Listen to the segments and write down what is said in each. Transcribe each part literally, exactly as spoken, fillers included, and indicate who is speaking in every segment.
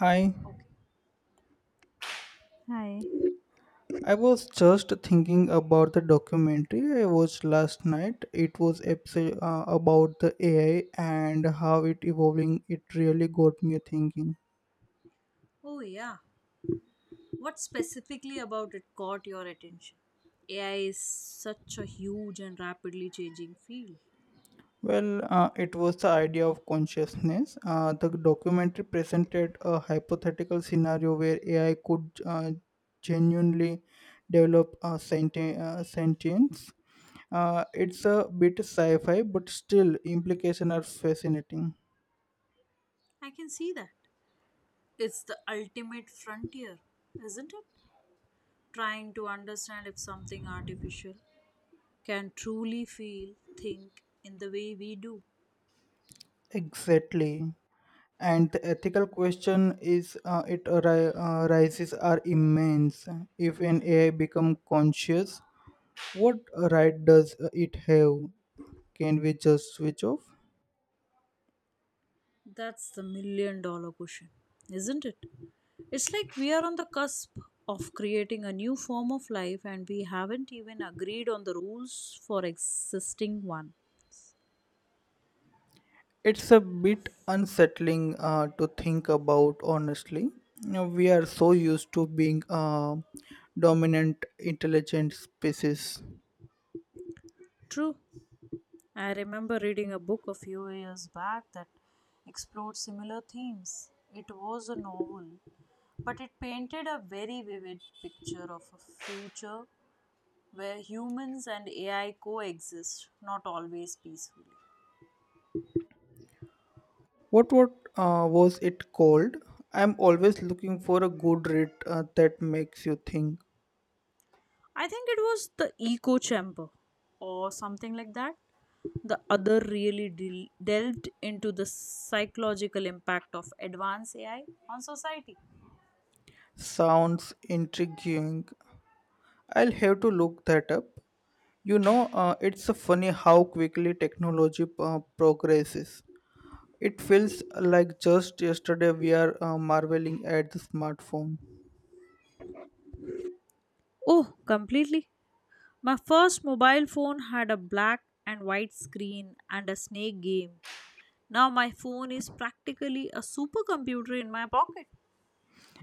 Speaker 1: Hi,
Speaker 2: Okay. Hi.
Speaker 1: I was just thinking about the documentary I watched last night. It was abso- uh, about the A I and how it evolving. It really got me thinking.
Speaker 2: Oh, yeah. What specifically about it caught your attention? A I is such a huge and rapidly changing field.
Speaker 1: Well, uh, it was the idea of consciousness. Uh, the documentary presented a hypothetical scenario where A I could uh, genuinely develop a senti- uh, sentience. Uh, it's a bit sci-fi, but still implications are fascinating.
Speaker 2: I can see that. It's the ultimate frontier, isn't it? Trying to understand if something artificial can truly feel, think in the way we do.
Speaker 1: Exactly. And the ethical question is uh, it arri- uh, rises are immense. If an A I become conscious, what right does it have? Can we just switch off?
Speaker 2: That's the million dollar question, isn't it? It's like we are on the cusp of creating a new form of life and we haven't even agreed on the rules for existing one.
Speaker 1: It's a bit unsettling uh, to think about, honestly. You know, we are so used to being a dominant intelligent species.
Speaker 2: True. I remember reading a book a few years back that explored similar themes. It was a novel, but it painted a very vivid picture of a future where humans and A I coexist, not always peacefully.
Speaker 1: What what uh, was it called? I'm always looking for a good read uh, that makes you think.
Speaker 2: I think it was the echo chamber or something like that. The other really del- delved into the psychological impact of advanced A I on society.
Speaker 1: Sounds intriguing. I'll have to look that up. You know, uh, it's funny how quickly technology uh, progresses. It feels like just yesterday we are uh, marveling at the smartphone.
Speaker 2: Oh, completely. My first mobile phone had a black and white screen and a snake game. Now my phone is practically a supercomputer in my pocket.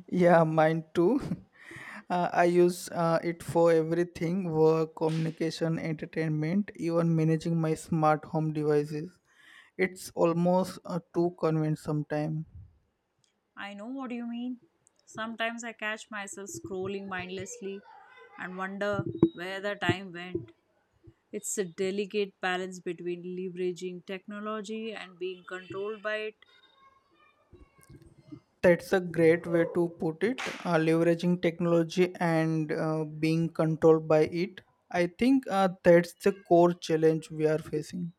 Speaker 1: Yeah, mine too. Uh, I use uh, it for everything: work, communication, entertainment, even managing my smart home devices. It's almost uh, too convenient sometimes.
Speaker 2: I know what you mean. Sometimes I catch myself scrolling mindlessly and wonder where the time went. It's a delicate balance between leveraging technology and being controlled by it.
Speaker 1: That's a great way to put it. Uh, leveraging technology and uh, being controlled by it. I think uh, that's the core challenge we are facing.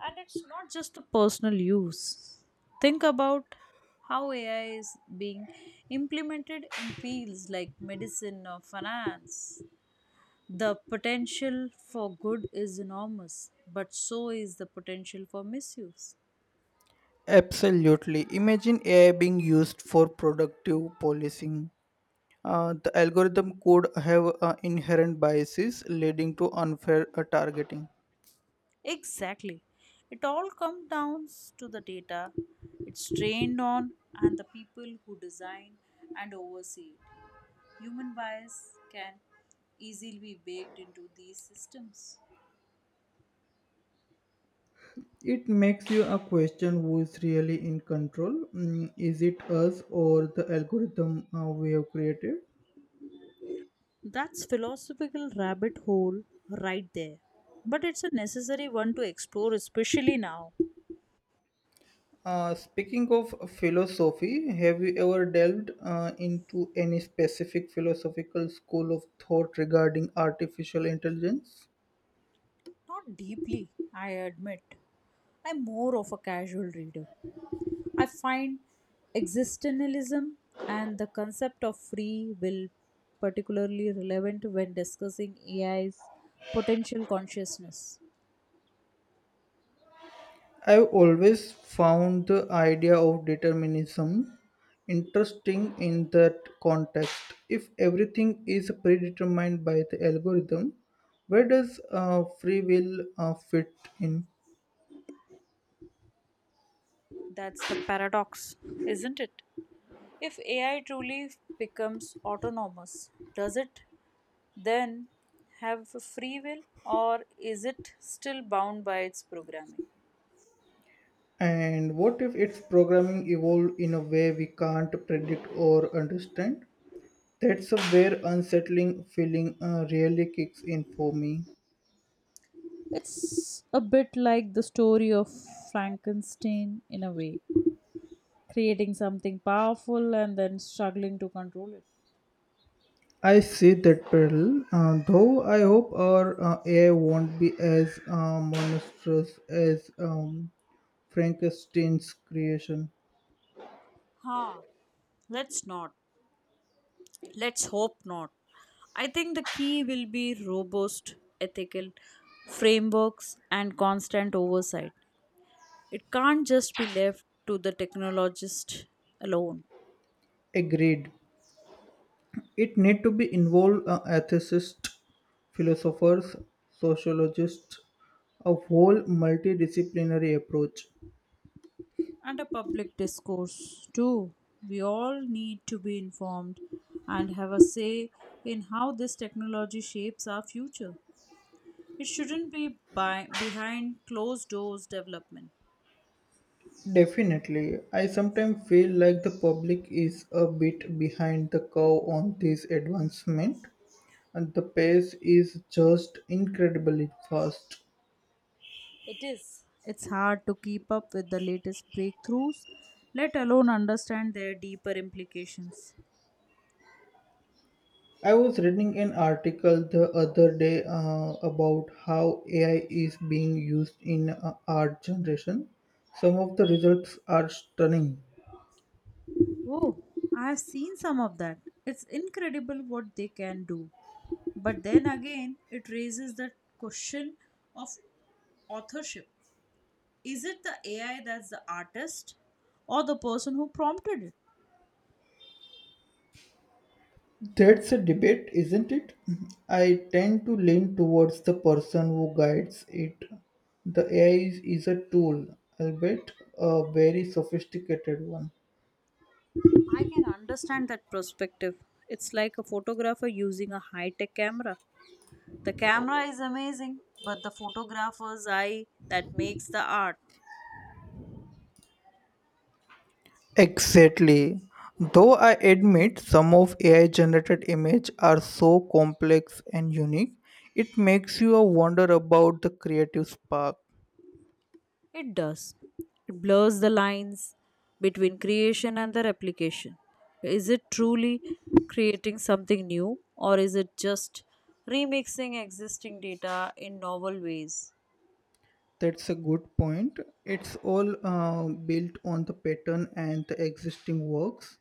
Speaker 2: And it's not just a personal use. Think about how A I is being implemented in fields like medicine or finance. The potential for good is enormous, but so is the potential for misuse.
Speaker 1: Absolutely. Imagine A I being used for productive policing. Uh, the algorithm could have uh, inherent biases leading to unfair uh, targeting.
Speaker 2: Exactly. It all comes down to the data it's trained on and the people who design and oversee it. Human bias can easily be baked into these systems.
Speaker 1: It makes you a question who is really in control. Mm, is it us or the algorithm uh, we have created?
Speaker 2: That's philosophical rabbit hole right there. But it's a necessary one to explore, especially now.
Speaker 1: Uh, speaking of philosophy, have you ever delved uh, into any specific philosophical school of thought regarding artificial intelligence?
Speaker 2: Not deeply, I admit. I'm more of a casual reader. I find existentialism and the concept of free will particularly relevant when discussing A I's potential consciousness.
Speaker 1: I've always found the idea of determinism interesting in that context. If everything is predetermined by the algorithm, where does uh, free will uh, fit in?
Speaker 2: That's the paradox, isn't it? If A I truly becomes autonomous, does it then have free will or is it still bound by its programming?
Speaker 1: And what if its programming evolved in a way we can't predict or understand? That's where unsettling feeling uh, really kicks in for me.
Speaker 2: It's a bit like the story of Frankenstein in a way, creating something powerful and then struggling to control it.
Speaker 1: I see that parallel, uh, though I hope our uh, A I won't be as uh, monstrous as um, Frankenstein's creation.
Speaker 2: Huh, let's not. Let's hope not. I think the key will be robust ethical frameworks and constant oversight. It can't just be left to the technologist alone.
Speaker 1: Agreed. It need to be involved uh, ethicists, philosophers, sociologists, a whole multidisciplinary approach.
Speaker 2: And a public discourse too. We all need to be informed and have a say in how this technology shapes our future. It shouldn't be by, behind closed doors development.
Speaker 1: Definitely. I sometimes feel like the public is a bit behind the curve on this advancement, and the pace is just incredibly fast.
Speaker 2: It is. It's hard to keep up with the latest breakthroughs, let alone understand their deeper implications.
Speaker 1: I was reading an article the other day uh, about how A I is being used in uh, art generation. Some of the results are stunning.
Speaker 2: Oh, I have seen some of that. It's incredible what they can do. But then again, it raises the question of authorship. Is it the A I that's the artist or the person who prompted it?
Speaker 1: That's a debate, isn't it? I tend to lean towards the person who guides it. The A I is, is a tool, albeit a very sophisticated one.
Speaker 2: I can understand that perspective. It's like a photographer using a high tech camera. The camera is amazing, but the photographer's eye that makes the art.
Speaker 1: Exactly. Though I admit some of A I generated images are so complex and unique, it makes you wonder about the creative spark.
Speaker 2: It does. It blurs the lines between creation and the replication. Is it truly creating something new, or is it just remixing existing data in novel ways?
Speaker 1: That's a good point. It's all uh, built on the pattern and the existing works.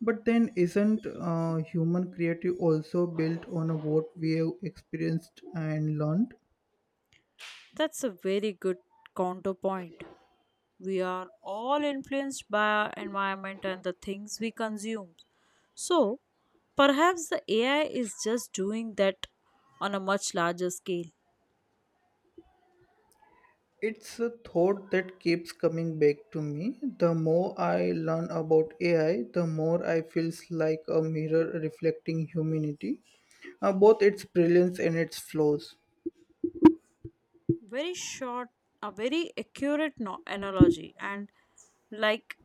Speaker 1: But then, isn't uh, human creative also built on what we have experienced and learned?
Speaker 2: That's a very good counterpoint. We are all influenced by our environment and the things we consume. So, perhaps the A I is just doing that on a much larger scale.
Speaker 1: It's a thought that keeps coming back to me. The more I learn about A I, the more I feels like a mirror reflecting humanity, uh, both its brilliance and its flaws.
Speaker 2: Very short, a very accurate no- analogy, and like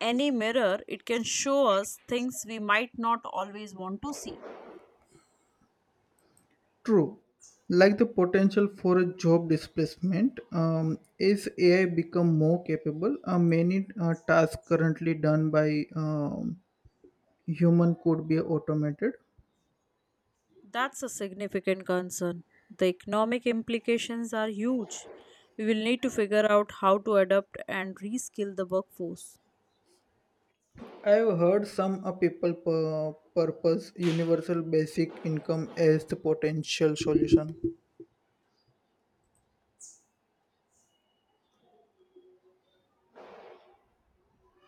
Speaker 2: any mirror, it can show us things we might not always want to see.
Speaker 1: True, like the potential for a job displacement, um, as A I become more capable, uh, many uh, tasks currently done by um, human could be automated.
Speaker 2: That's a significant concern. The economic implications are huge. We will need to figure out how to adapt and reskill the workforce.
Speaker 1: I've heard some uh, people pur- purpose universal basic income as the potential solution.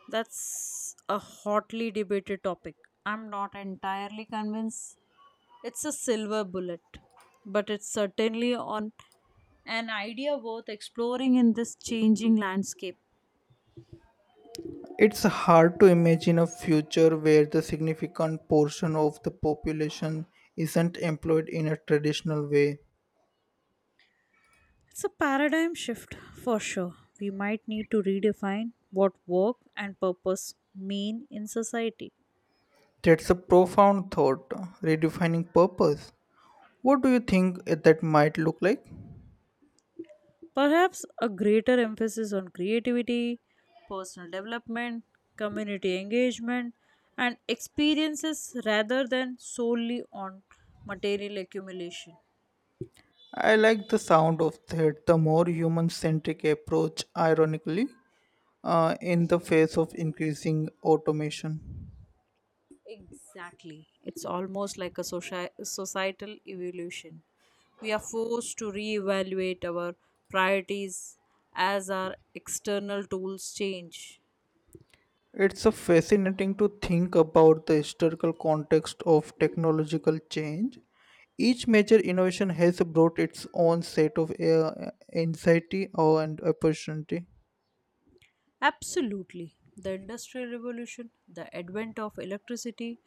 Speaker 2: That's a hotly debated topic. I'm not entirely convinced it's a silver bullet, but it's certainly on an idea worth exploring in this changing landscape.
Speaker 1: It's hard to imagine a future where the significant portion of the population isn't employed in a traditional way.
Speaker 2: It's a paradigm shift for sure. We might need to redefine what work and purpose mean in society.
Speaker 1: That's a profound thought, redefining purpose. What do you think that might look like?
Speaker 2: Perhaps a greater emphasis on creativity, personal development, community engagement, and experiences rather than solely on material accumulation.
Speaker 1: I like the sound of that, the more human centric approach, ironically, uh, in the face of increasing automation.
Speaker 2: Exactly. It's almost like a soci- societal evolution. We are forced to reevaluate our priorities as our external tools change.
Speaker 1: It's a fascinating to think about the historical context of technological change. Each major innovation has brought its own set of uh, anxiety or- and opportunity,
Speaker 2: Absolutely. The Industrial Revolution, the advent of electricity,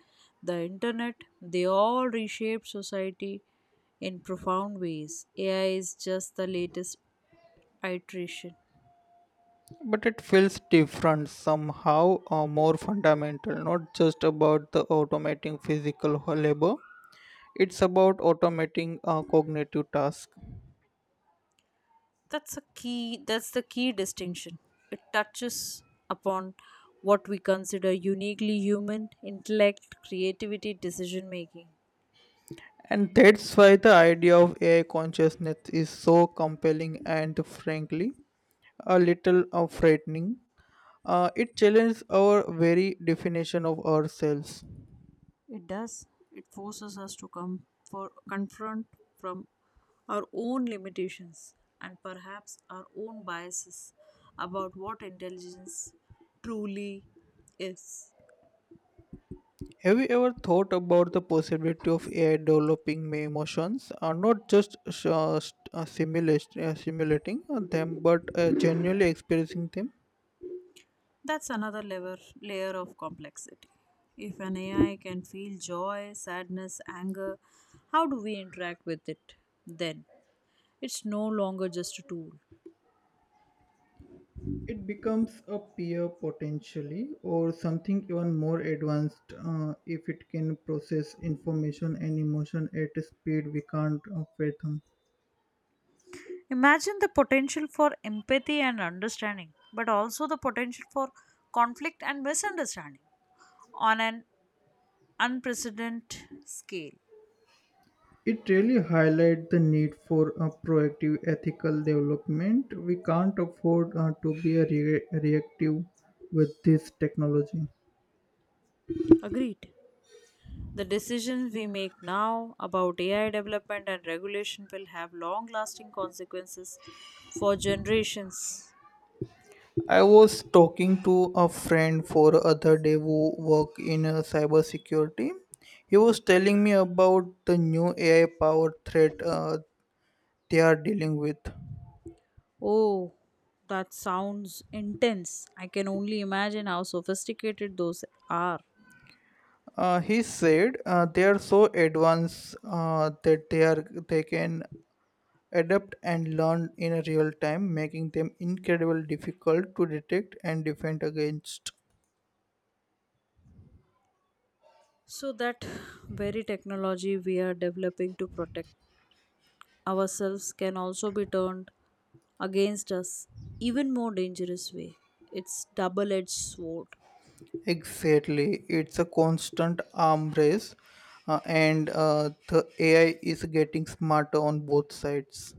Speaker 2: the internet, they all reshaped society in profound ways. A I is just the latest iteration.
Speaker 1: but it feels different somehow or more fundamental, not just about the automating physical labor. It's about automating uh, cognitive tasks.
Speaker 2: That's a key that's the key distinction. It touches upon what we consider uniquely human intellect, creativity, decision making.
Speaker 1: And that's why the idea of A I consciousness is so compelling and frankly a little uh, frightening. Uh, it challenges our very definition of ourselves.
Speaker 2: It does. It forces us to come for confront from our own limitations and perhaps our own biases about what intelligence truly is.
Speaker 1: Have you ever thought about the possibility of A I developing my emotions, uh, not just uh, st- uh, simulation- uh, simulating uh, them, but uh, genuinely experiencing them?
Speaker 2: That's another level layer of complexity. If an A I can feel joy, sadness, anger, how do we interact with it then? It's no longer just a tool.
Speaker 1: It becomes a peer potentially or something even more advanced uh, if it can process information and emotion at a speed we can't uh, fathom.
Speaker 2: Imagine the potential for empathy and understanding, but also the potential for conflict and misunderstanding on an unprecedented scale.
Speaker 1: It really highlights the need for a proactive ethical development. We can't afford uh, to be a rea- reactive with this technology.
Speaker 2: Agreed. The decisions we make now about A I development and regulation will have long lasting consequences for generations.
Speaker 1: I was talking to a friend for other day who work in uh, cybersecurity. He was telling me about the new A I powered threat uh, they are dealing with.
Speaker 2: Oh, that sounds intense. I can only imagine how sophisticated those are.
Speaker 1: Uh, he said uh, they are so advanced uh, that they are they can adapt and learn in a real time, making them incredibly difficult to detect and defend against.
Speaker 2: So, that very technology we are developing to protect ourselves can also be turned against us even more dangerous way. It's double edged sword.
Speaker 1: Exactly, it's a constant arm race, uh, and uh, the A I is getting smarter on both sides.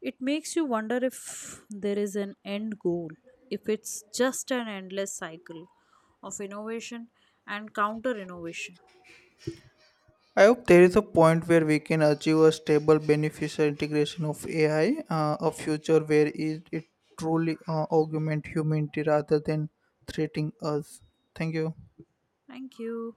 Speaker 2: It makes you wonder if there is an end goal, if it's just an endless cycle of innovation and counter innovation.
Speaker 1: I hope there is a point where we can achieve a stable, beneficial integration of A I, uh, a future where it, it truly uh, augment humanity rather than threatening us. Thank you.
Speaker 2: Thank you.